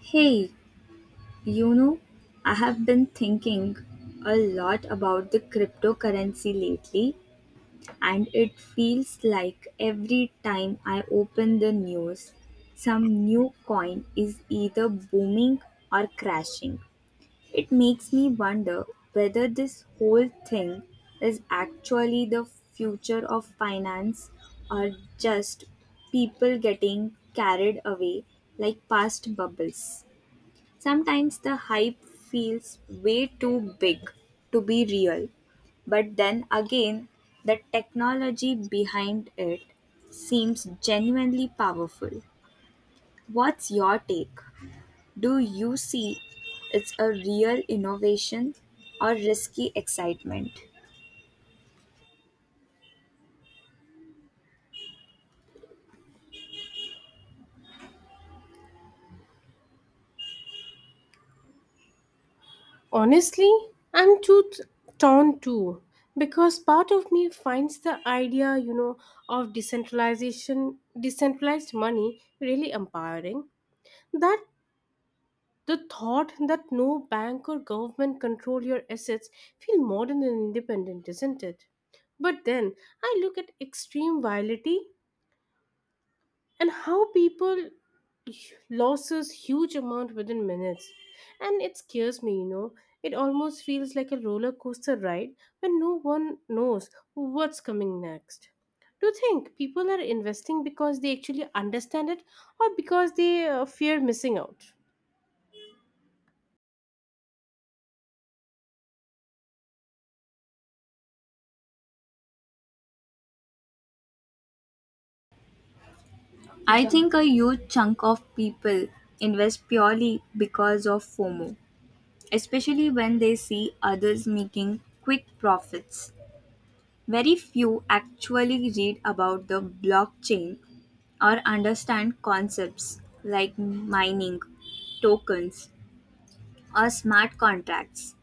Hey, you know, I have been thinking a lot about the cryptocurrency lately, and it feels like every time I open the news, some new coin is either booming or crashing. It makes me wonder whether this whole thing is actually the future of finance or just people getting carried away like past bubbles. Sometimes the hype feels way too big to be real, but then again, the technology behind it seems genuinely powerful. What's your take? Do you see it's a real innovation or risky excitement? Honestly, I'm too t- torn too because part of me finds the idea, of decentralization, decentralized money really empowering. That the thought that no bank or government control your assets feel modern and independent, isn't it? But then I look at extreme violence and how people loses huge amount within minutes and it scares me. It almost feels like a roller coaster ride when no one knows what's coming next. Do you think people are investing because they actually understand it or because they fear missing out? I think a huge chunk of people invest purely because of FOMO, especially when they see others making quick profits. Very few actually read about the blockchain or understand concepts like mining, tokens, or smart contracts.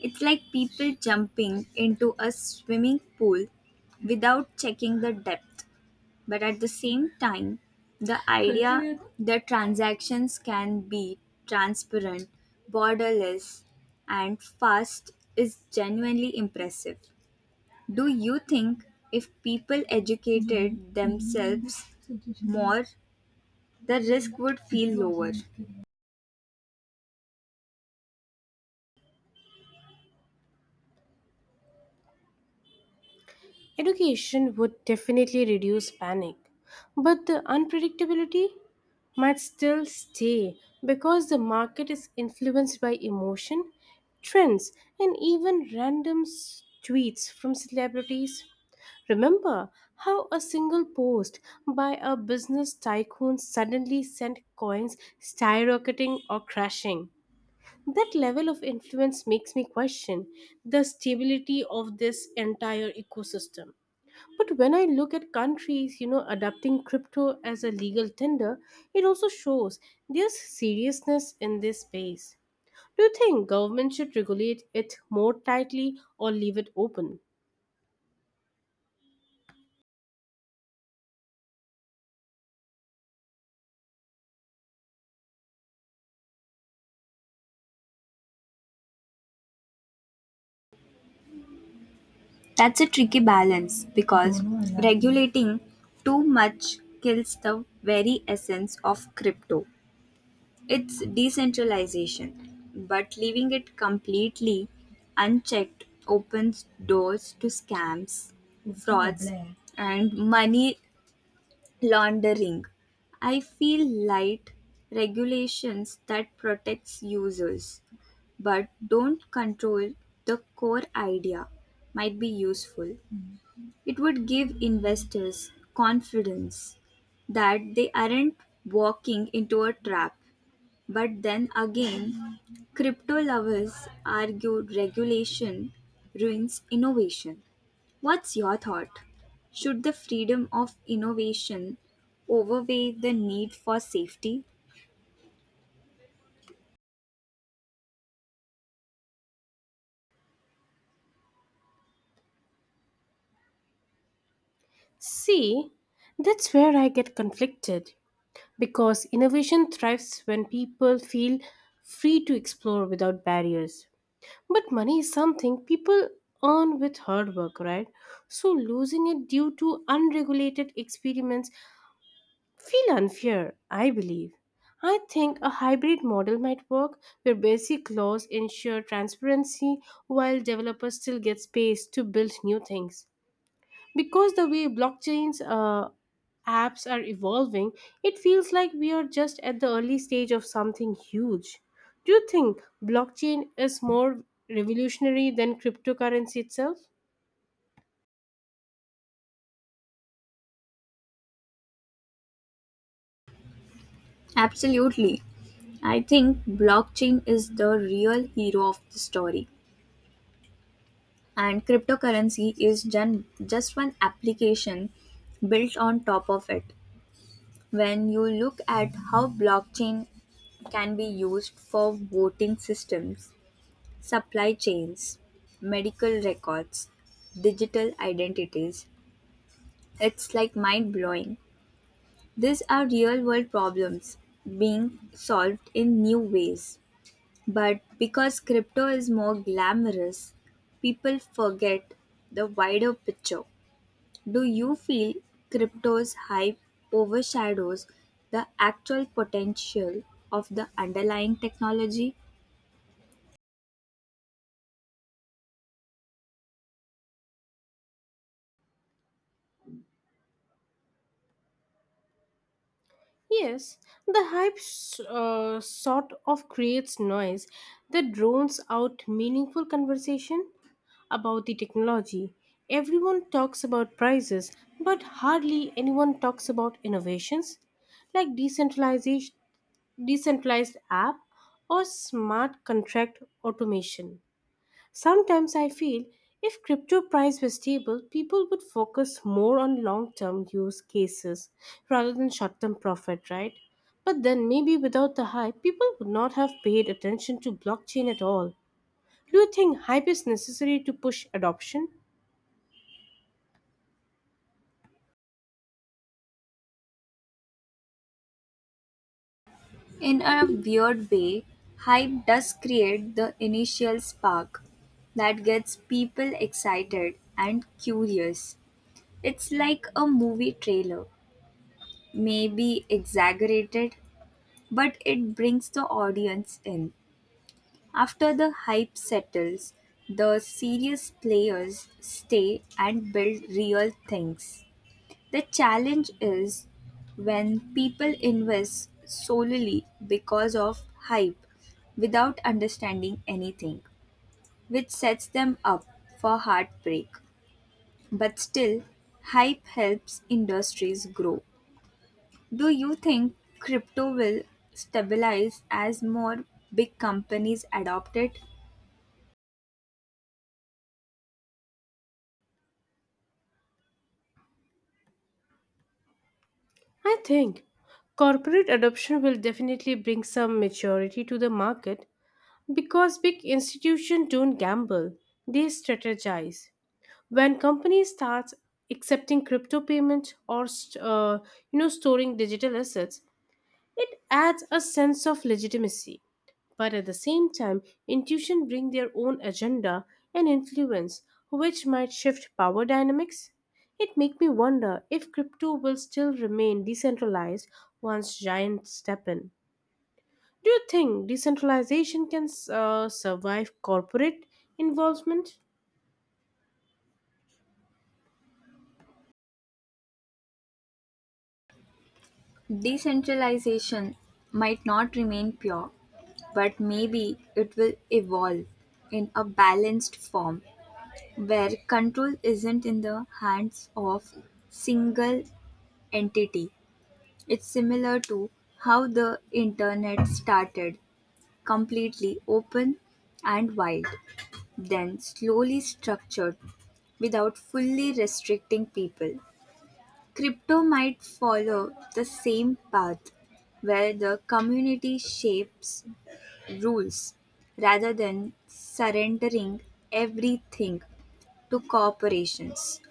It's like people jumping into a swimming pool without checking the depth. But at the same time, the idea that transactions can be transparent, borderless, and fast is genuinely impressive. Do you think if people educated themselves more, the risk would feel lower? Education would definitely reduce panic, but the unpredictability might still stay because the market is influenced by emotion, trends, and even tweets from celebrities. Remember how a single post by a business tycoon suddenly sent coins skyrocketing or crashing. That level of influence makes me question the stability of this entire ecosystem. But when I look at countries, adopting crypto as a legal tender, it also shows there's seriousness in this space. Do you think government should regulate it more tightly or leave it open? That's a tricky balance because regulating too much kills the very essence of crypto. It's decentralization, but leaving it completely unchecked opens doors to scams, frauds, and money laundering. I feel light regulations that protects users but don't control the core idea might be useful. It would give investors confidence that they aren't walking into a trap. But then again, crypto lovers argue regulation ruins innovation. What's your thought? Should the freedom of innovation overweigh the need for safety? See, that's where I get conflicted because innovation thrives when people feel free to explore without barriers. But money is something people earn with hard work, right? So losing it due to unregulated experiments feel unfair, I believe. I think a hybrid model might work where basic laws ensure transparency while developers still get space to build new things. Because the way blockchains apps are evolving, it feels like we are just at the early stage of something huge. Do you think blockchain is more revolutionary than cryptocurrency itself? Absolutely. I think blockchain is the real hero of the story, and cryptocurrency is just one application built on top of it. When you look at how blockchain can be used for voting systems, supply chains, medical records, digital identities, it's like mind blowing. These are real world problems being solved in new ways. But because crypto is more glamorous, people forget the wider picture. Do you feel crypto's hype overshadows the actual potential of the underlying technology? Yes, the sort of creates noise that drones out meaningful conversation about the technology. Everyone talks about prices, but hardly anyone talks about innovations like decentralization, decentralized app or smart contract automation. Sometimes I feel if crypto price were stable, people would focus more on long-term use cases rather than short-term profit, right? But then maybe without the hype, people would not have paid attention to blockchain at all. Do you think hype is necessary to push adoption? In a weird way, hype does create the initial spark that gets people excited and curious. It's like a movie trailer, maybe exaggerated, but it brings the audience in. After the hype settles, the serious players stay and build real things. The challenge is when people invest solely because of hype without understanding anything, which sets them up for heartbreak. But still, hype helps industries grow. Do you think crypto will stabilize as more big companies adopt it? I think corporate adoption will definitely bring some maturity to the market because big institutions don't gamble, they strategize. When companies start accepting crypto payments or storing digital assets, it adds a sense of legitimacy, but at the same time intuition bring their own agenda and influence, which might shift power dynamics. It make me wonder if crypto will still remain decentralized once giants step in. Do you think decentralization can survive corporate involvement? Decentralization might not remain pure, but maybe it will evolve in a balanced form where control isn't in the hands of single entity. It's similar to how the internet started completely open and wild, then slowly structured without fully restricting people. Crypto might follow the same path, where the community shapes rules rather than surrendering everything to corporations.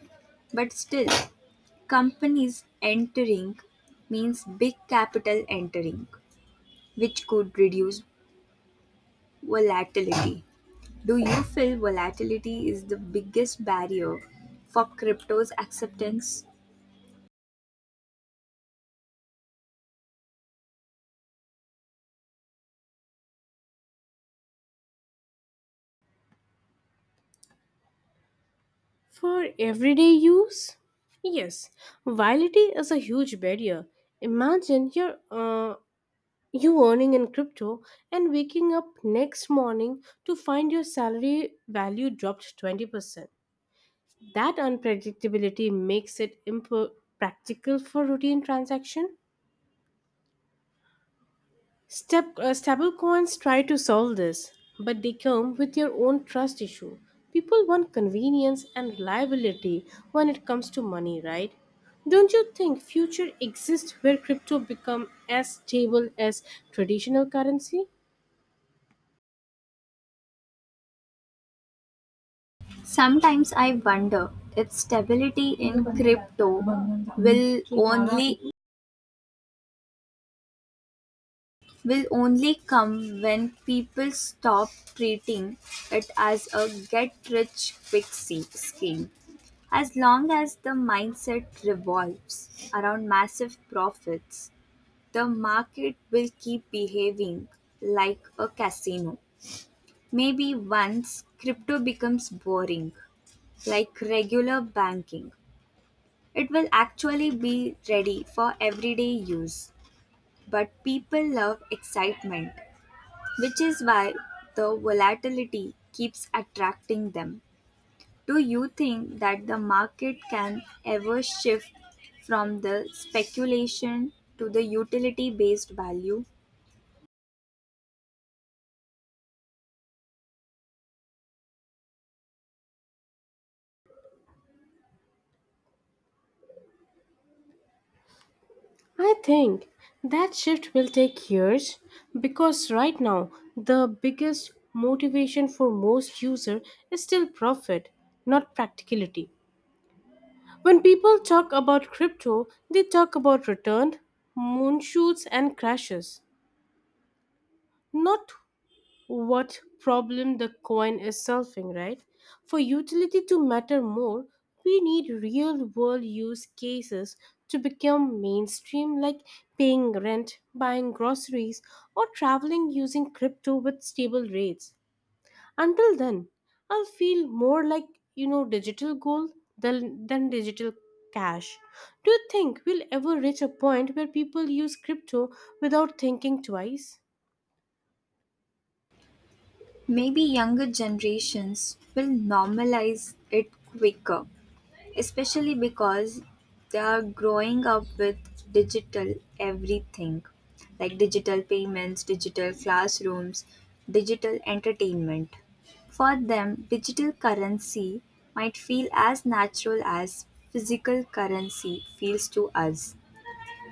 But still, companies entering means big capital entering, which could reduce volatility. Do you feel volatility is the biggest barrier for crypto's acceptance? For everyday use? Yes, volatility is a huge barrier. Imagine you earning in crypto and waking up next morning to find your salary value dropped 20%. That unpredictability makes it impractical for routine transaction. Stablecoins try to solve this, but they come with their own trust issue. People want convenience and reliability when it comes to money, right? Don't you think future exists where crypto become as stable as traditional currency? Sometimes I wonder if stability in crypto will only will only come when people stop treating it as a get rich quick scheme. As long as the mindset revolves around massive profits, the market will keep behaving like a casino. Maybe once crypto becomes boring, like regular banking, it will actually be ready for everyday use. But people love excitement, which is why the volatility keeps attracting them. Do you think that the market can ever shift from the speculation to the utility based value? I think that shift will take years because right now the biggest motivation for most user is still profit, not practicality. When people talk about crypto, they talk about return, moon shoots, and crashes, not what problem the coin is solving, right? For utility to matter more, we need real world use cases to become mainstream, like paying rent, buying groceries, or traveling using crypto with stable rates. Until then, I'll feel more like digital gold than digital cash. Do you think we'll ever reach a point where people use crypto without thinking twice? Maybe younger generations will normalize it quicker, especially because they are growing up with digital everything like digital payments, digital classrooms, digital entertainment. For them, digital currency might feel as natural as physical currency feels to us.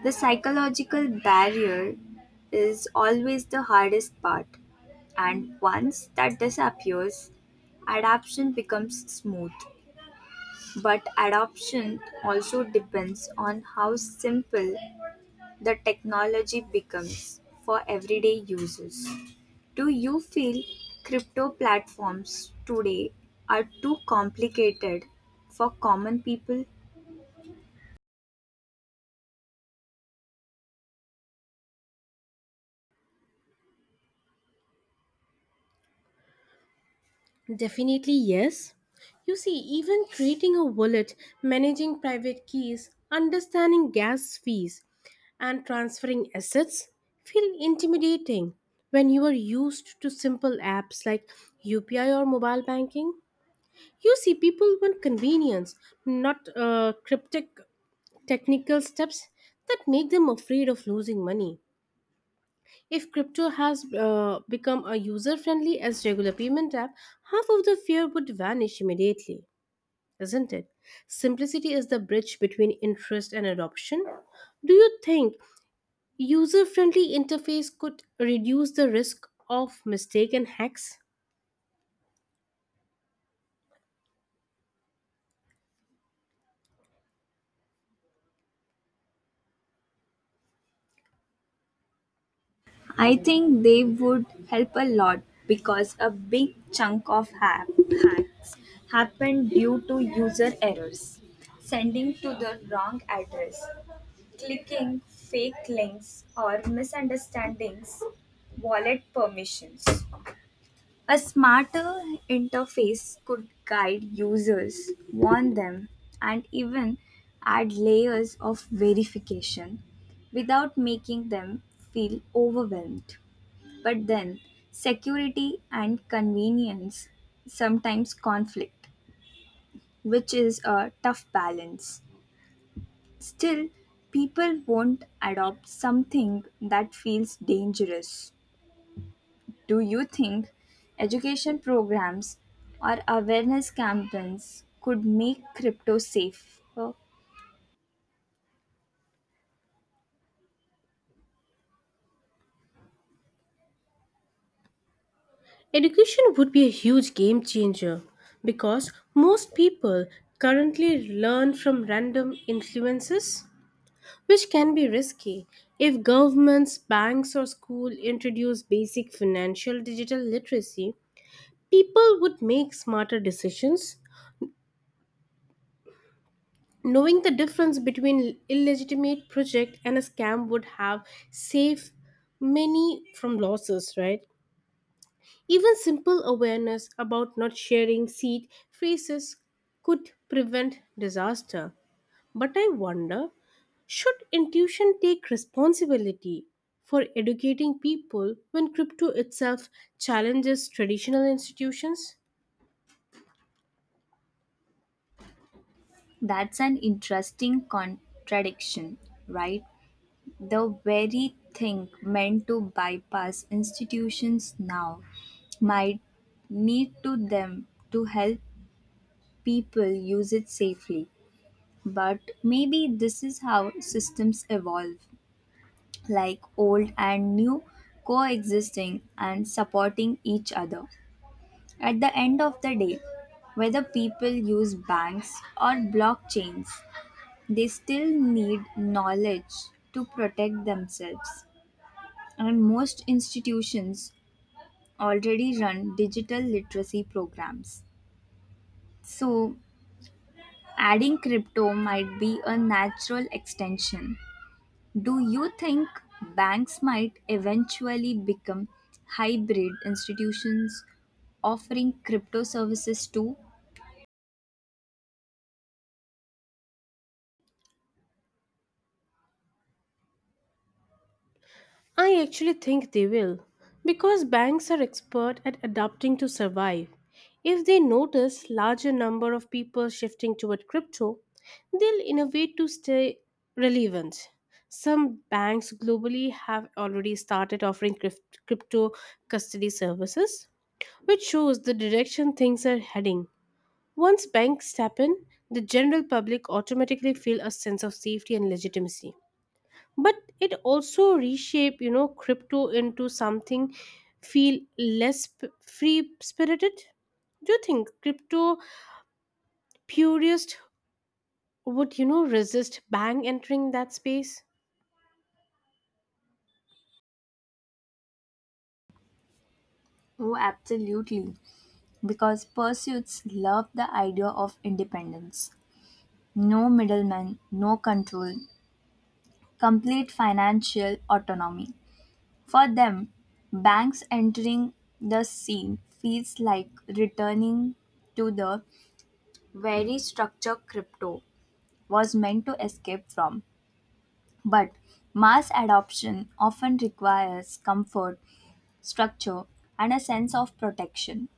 The psychological barrier is always the hardest part, and once that disappears, adaptation becomes smooth. But adoption also depends on how simple the technology becomes for everyday users. Do you feel crypto platforms today are too complicated for common people? Definitely yes. You see, even creating a wallet, managing private keys, understanding gas fees, and transferring assets feel intimidating when you are used to simple apps like UPI or mobile banking. You see, people want convenience, not cryptic technical steps that make them afraid of losing money. If crypto has become a user friendly as regular payment app, half of the fear would vanish immediately, isn't it? Simplicity is the bridge between interest and adoption. Do you think user friendly interface could reduce the risk of mistake and hacks? I think they would help a lot because a big chunk of hacks happened due to user errors, sending to the wrong address, clicking fake links, or misunderstandings wallet permissions. A smarter interface could guide users, warn them, and even add layers of verification without making them feel overwhelmed. But then, security and convenience sometimes conflict, which is a tough balance. Still, people won't adopt something that feels dangerous. Do you think education programs or awareness campaigns could make crypto safe? Well, Education would be a huge game changer because most people currently learn from random influences, which can be risky. If governments, banks, or school introduce basic financial digital literacy, people would make smarter decisions. Knowing the difference between illegitimate project and a scam would have saved many from losses, right? Even simple awareness about not sharing seed phrases could prevent disaster. But I wonder, should intuition take responsibility for educating people when crypto itself challenges traditional institutions? that's an interesting contradiction, right? The very thing meant to bypass institutions now might need to them to help people use it safely. But maybe this is how systems evolve, like old and new coexisting and supporting each other. At the end of the day, whether people use banks or blockchains, they still need knowledge to protect themselves. And most institutions already run digital literacy programs. So, adding crypto might be a natural extension. Do you think banks might eventually become hybrid institutions offering crypto services too? I actually think they will, because banks are expert at adapting to survive. If they notice larger number of people shifting toward crypto, they'll innovate to stay relevant. Some banks globally have already started offering crypto custody services, which shows the direction things are heading. Once banks step in, the general public automatically feel a sense of safety and legitimacy, but it also reshape crypto into something feel less free spirited. Do you think crypto purist would resist bank entering that space? Oh, absolutely. Because pursuits love the idea of independence. No middleman, no control, complete financial autonomy. For them, banks entering the scene feels like returning to the very structure crypto was meant to escape from. But mass adoption often requires comfort, structure, and a sense of protection,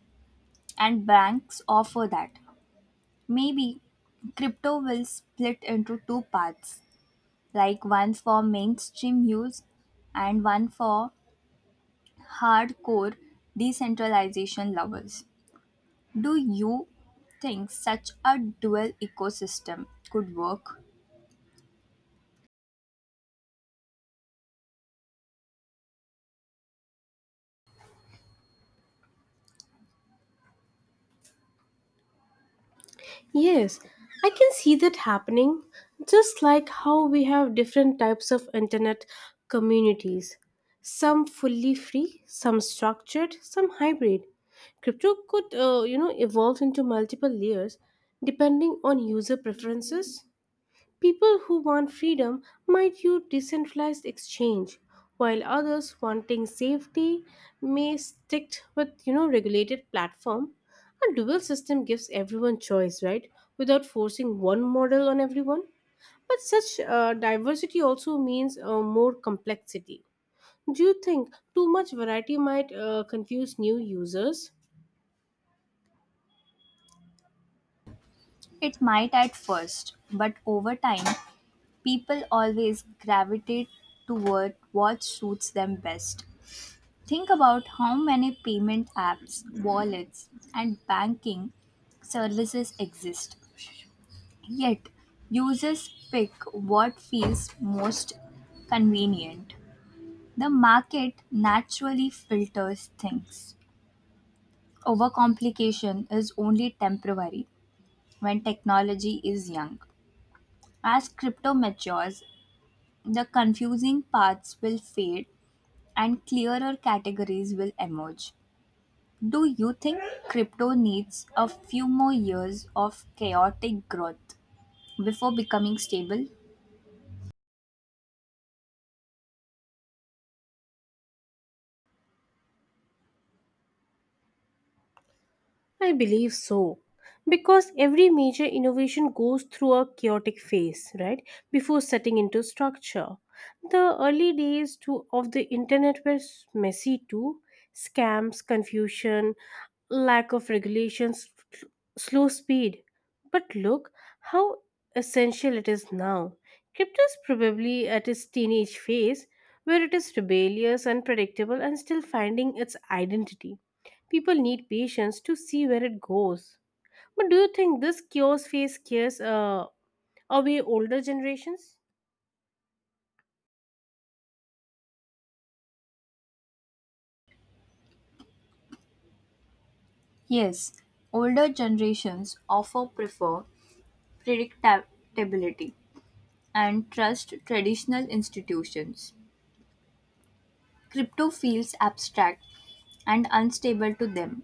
and banks offer that. Maybe crypto will split into two paths, like one for mainstream use and one for hardcore decentralization lovers. Do you think such a dual ecosystem could work? Yes, I can see that happening, just like how we have different types of internet communities. Some fully free, some structured, some hybrid. Crypto could, evolve into multiple layers depending on user preferences. People who want freedom might use decentralized exchange, while others wanting safety may stick with regulated platform. A dual system gives everyone choice, right? Without forcing one model on everyone. But such diversity also means more complexity. Do you think too much variety might confuse new users? It might at first, but over time, people always gravitate toward what suits them best. Think about how many payment apps, wallets, and banking services exist. Yet, users pick what feels most convenient. The market naturally filters things. Overcomplication is only temporary when technology is young. As crypto matures, the confusing parts will fade and clearer categories will emerge. Do you think crypto needs a few more years of chaotic growth before becoming stable? I believe so. Because every major innovation goes through a chaotic phase, right, before setting into structure. The early days of the internet were messy too: scams, confusion, lack of regulations, slow speed. But look how essential it is now. Crypto is probably at its teenage phase where it is rebellious, unpredictable, and still finding its identity. People need patience to see where it goes. But do you think this chaos phase scares away older generations? Yes, older generations often prefer predictability and trust traditional institutions. Crypto feels abstract and unstable to them,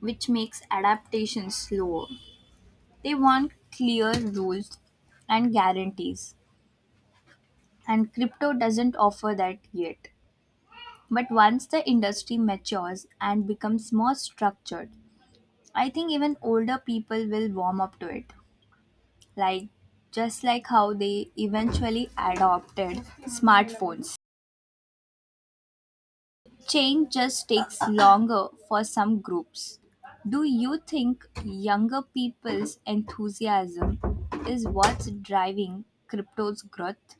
which makes adaptation slower. They want clear rules and guarantees, and crypto doesn't offer that yet. But once the industry matures and becomes more structured, I think even older people will warm up to it. Like just like how they eventually adopted smartphones. Change just takes longer for some groups. Do you think younger people's enthusiasm is what's driving crypto's growth?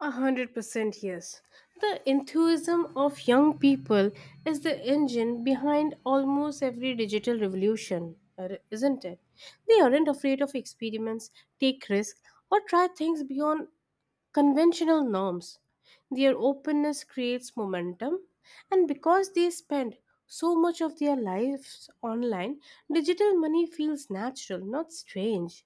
100% yes. The enthusiasm of young people is the engine behind almost every digital revolution, isn't it? They aren't afraid of experiments, take risks, or try things beyond conventional norms. Their openness creates momentum, and because they spend so much of their lives online, digital money feels natural, not strange.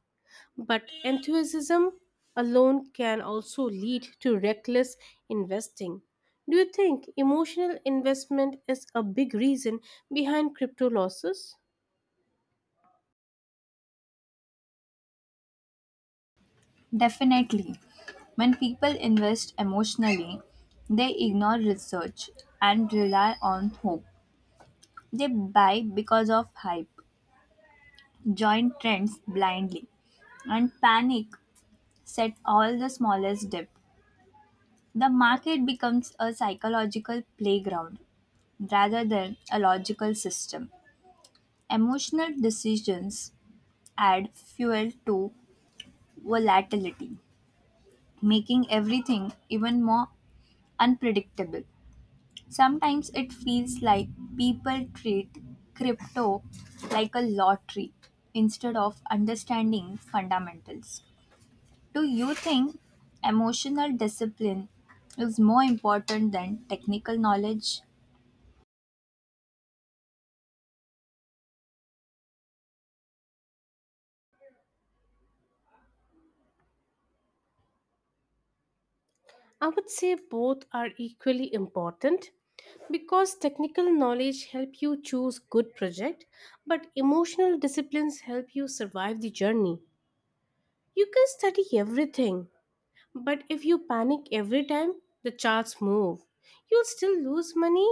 But enthusiasm alone can also lead to reckless investing. Do you think emotional investment is a big reason behind crypto losses? Definitely. When people invest emotionally, they ignore research and rely on hope. They buy because of hype, join trends blindly, and panic set all the smallest dip. The market becomes a psychological playground rather than a logical system. Emotional decisions add fuel to volatility, making everything even more unpredictable. Sometimes it feels like people treat crypto like a lottery instead of understanding fundamentals. Do you think emotional discipline is more important than technical knowledge? I would say both are equally important because technical knowledge help you choose good project but emotional disciplines help you survive the journey. You can study everything but if you panic every time the charts move, you'll still lose money.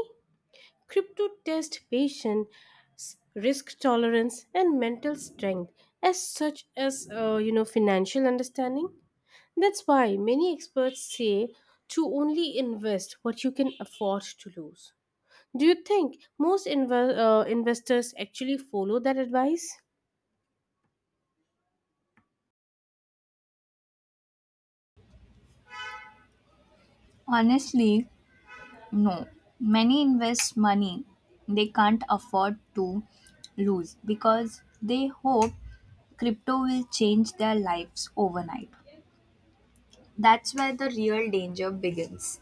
Crypto test patience, risk tolerance and mental strength as such as financial understanding. That's why many experts say to only invest what you can afford to lose. Do you think most investors actually follow that advice? Honestly, no, many invest money they can't afford to lose because they hope crypto will change their lives overnight. That's where the real danger begins.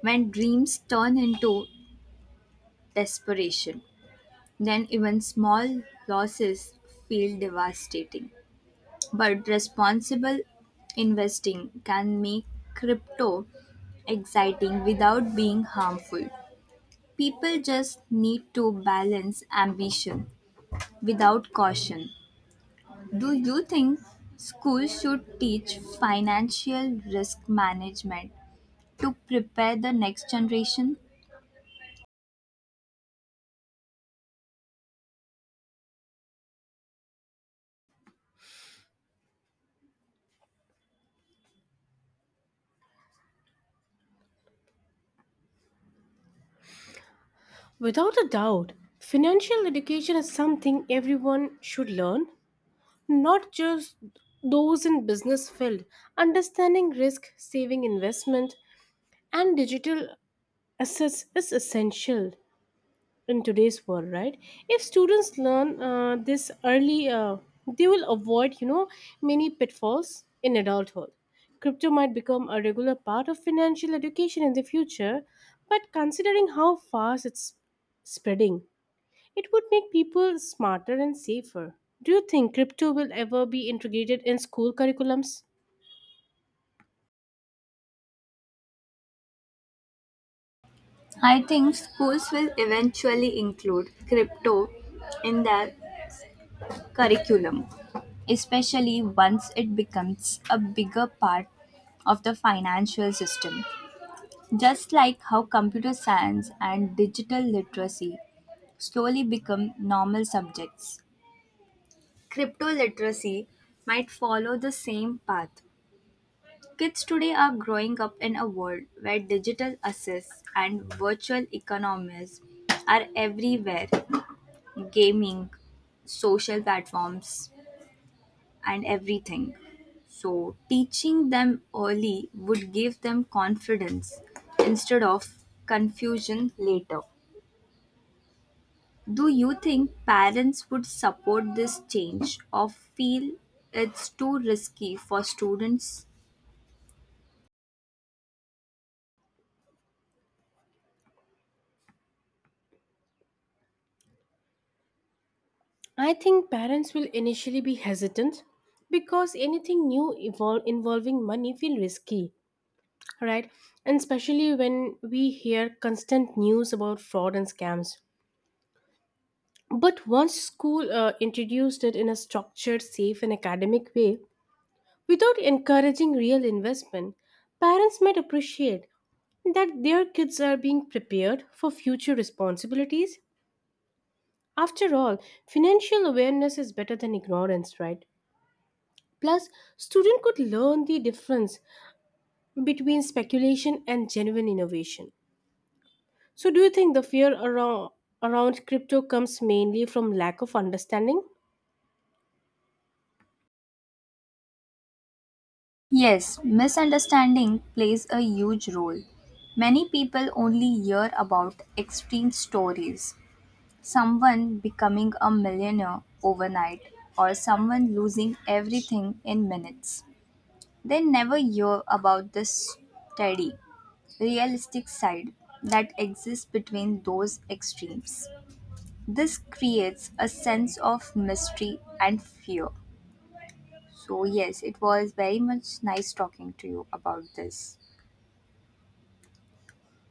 When dreams turn into desperation, then even small losses feel devastating. But responsible investing can make crypto exciting without being harmful. People just need to balance ambition without caution. Do you think schools should teach financial risk management to prepare the next generation? Without a doubt, financial education is something everyone should learn, not just those in business field. Understanding risk, saving investment, and digital assets is essential in today's world, right? If students learn this early, they will avoid many pitfalls in adulthood. Crypto might become a regular part of financial education in the future, but considering how fast it's spreading, it would make people smarter and safer. Do you think crypto will ever be integrated in school curriculums? I think schools will eventually include crypto in their curriculum, especially once it becomes a bigger part of the financial system. Just like how computer science and digital literacy slowly become normal subjects. Crypto literacy might follow the same path. Kids today are growing up in a world where digital assets and virtual economies are everywhere gaming, social platforms, and everything. So, teaching them early would give them confidence instead of confusion later. Do you think parents would support this change or feel it's too risky for students? I think parents will initially be hesitant because anything new involving money feel risky, right? And especially when we hear constant news about fraud and scams. But once school introduced it in a structured, safe, and academic way, without encouraging real investment, parents might appreciate that their kids are being prepared for future responsibilities. After all, financial awareness is better than ignorance, right? Plus, student could learn the difference between speculation and genuine innovation. So, do you think the fear around crypto comes mainly from lack of understanding? Yes, misunderstanding plays a huge role. Many people only hear about extreme stories someone becoming a millionaire overnight or someone losing everything in minutes. They never hear about the steady, realistic side that exists between those extremes. This creates a sense of mystery and fear. So, yes, it was very much nice talking to you about this.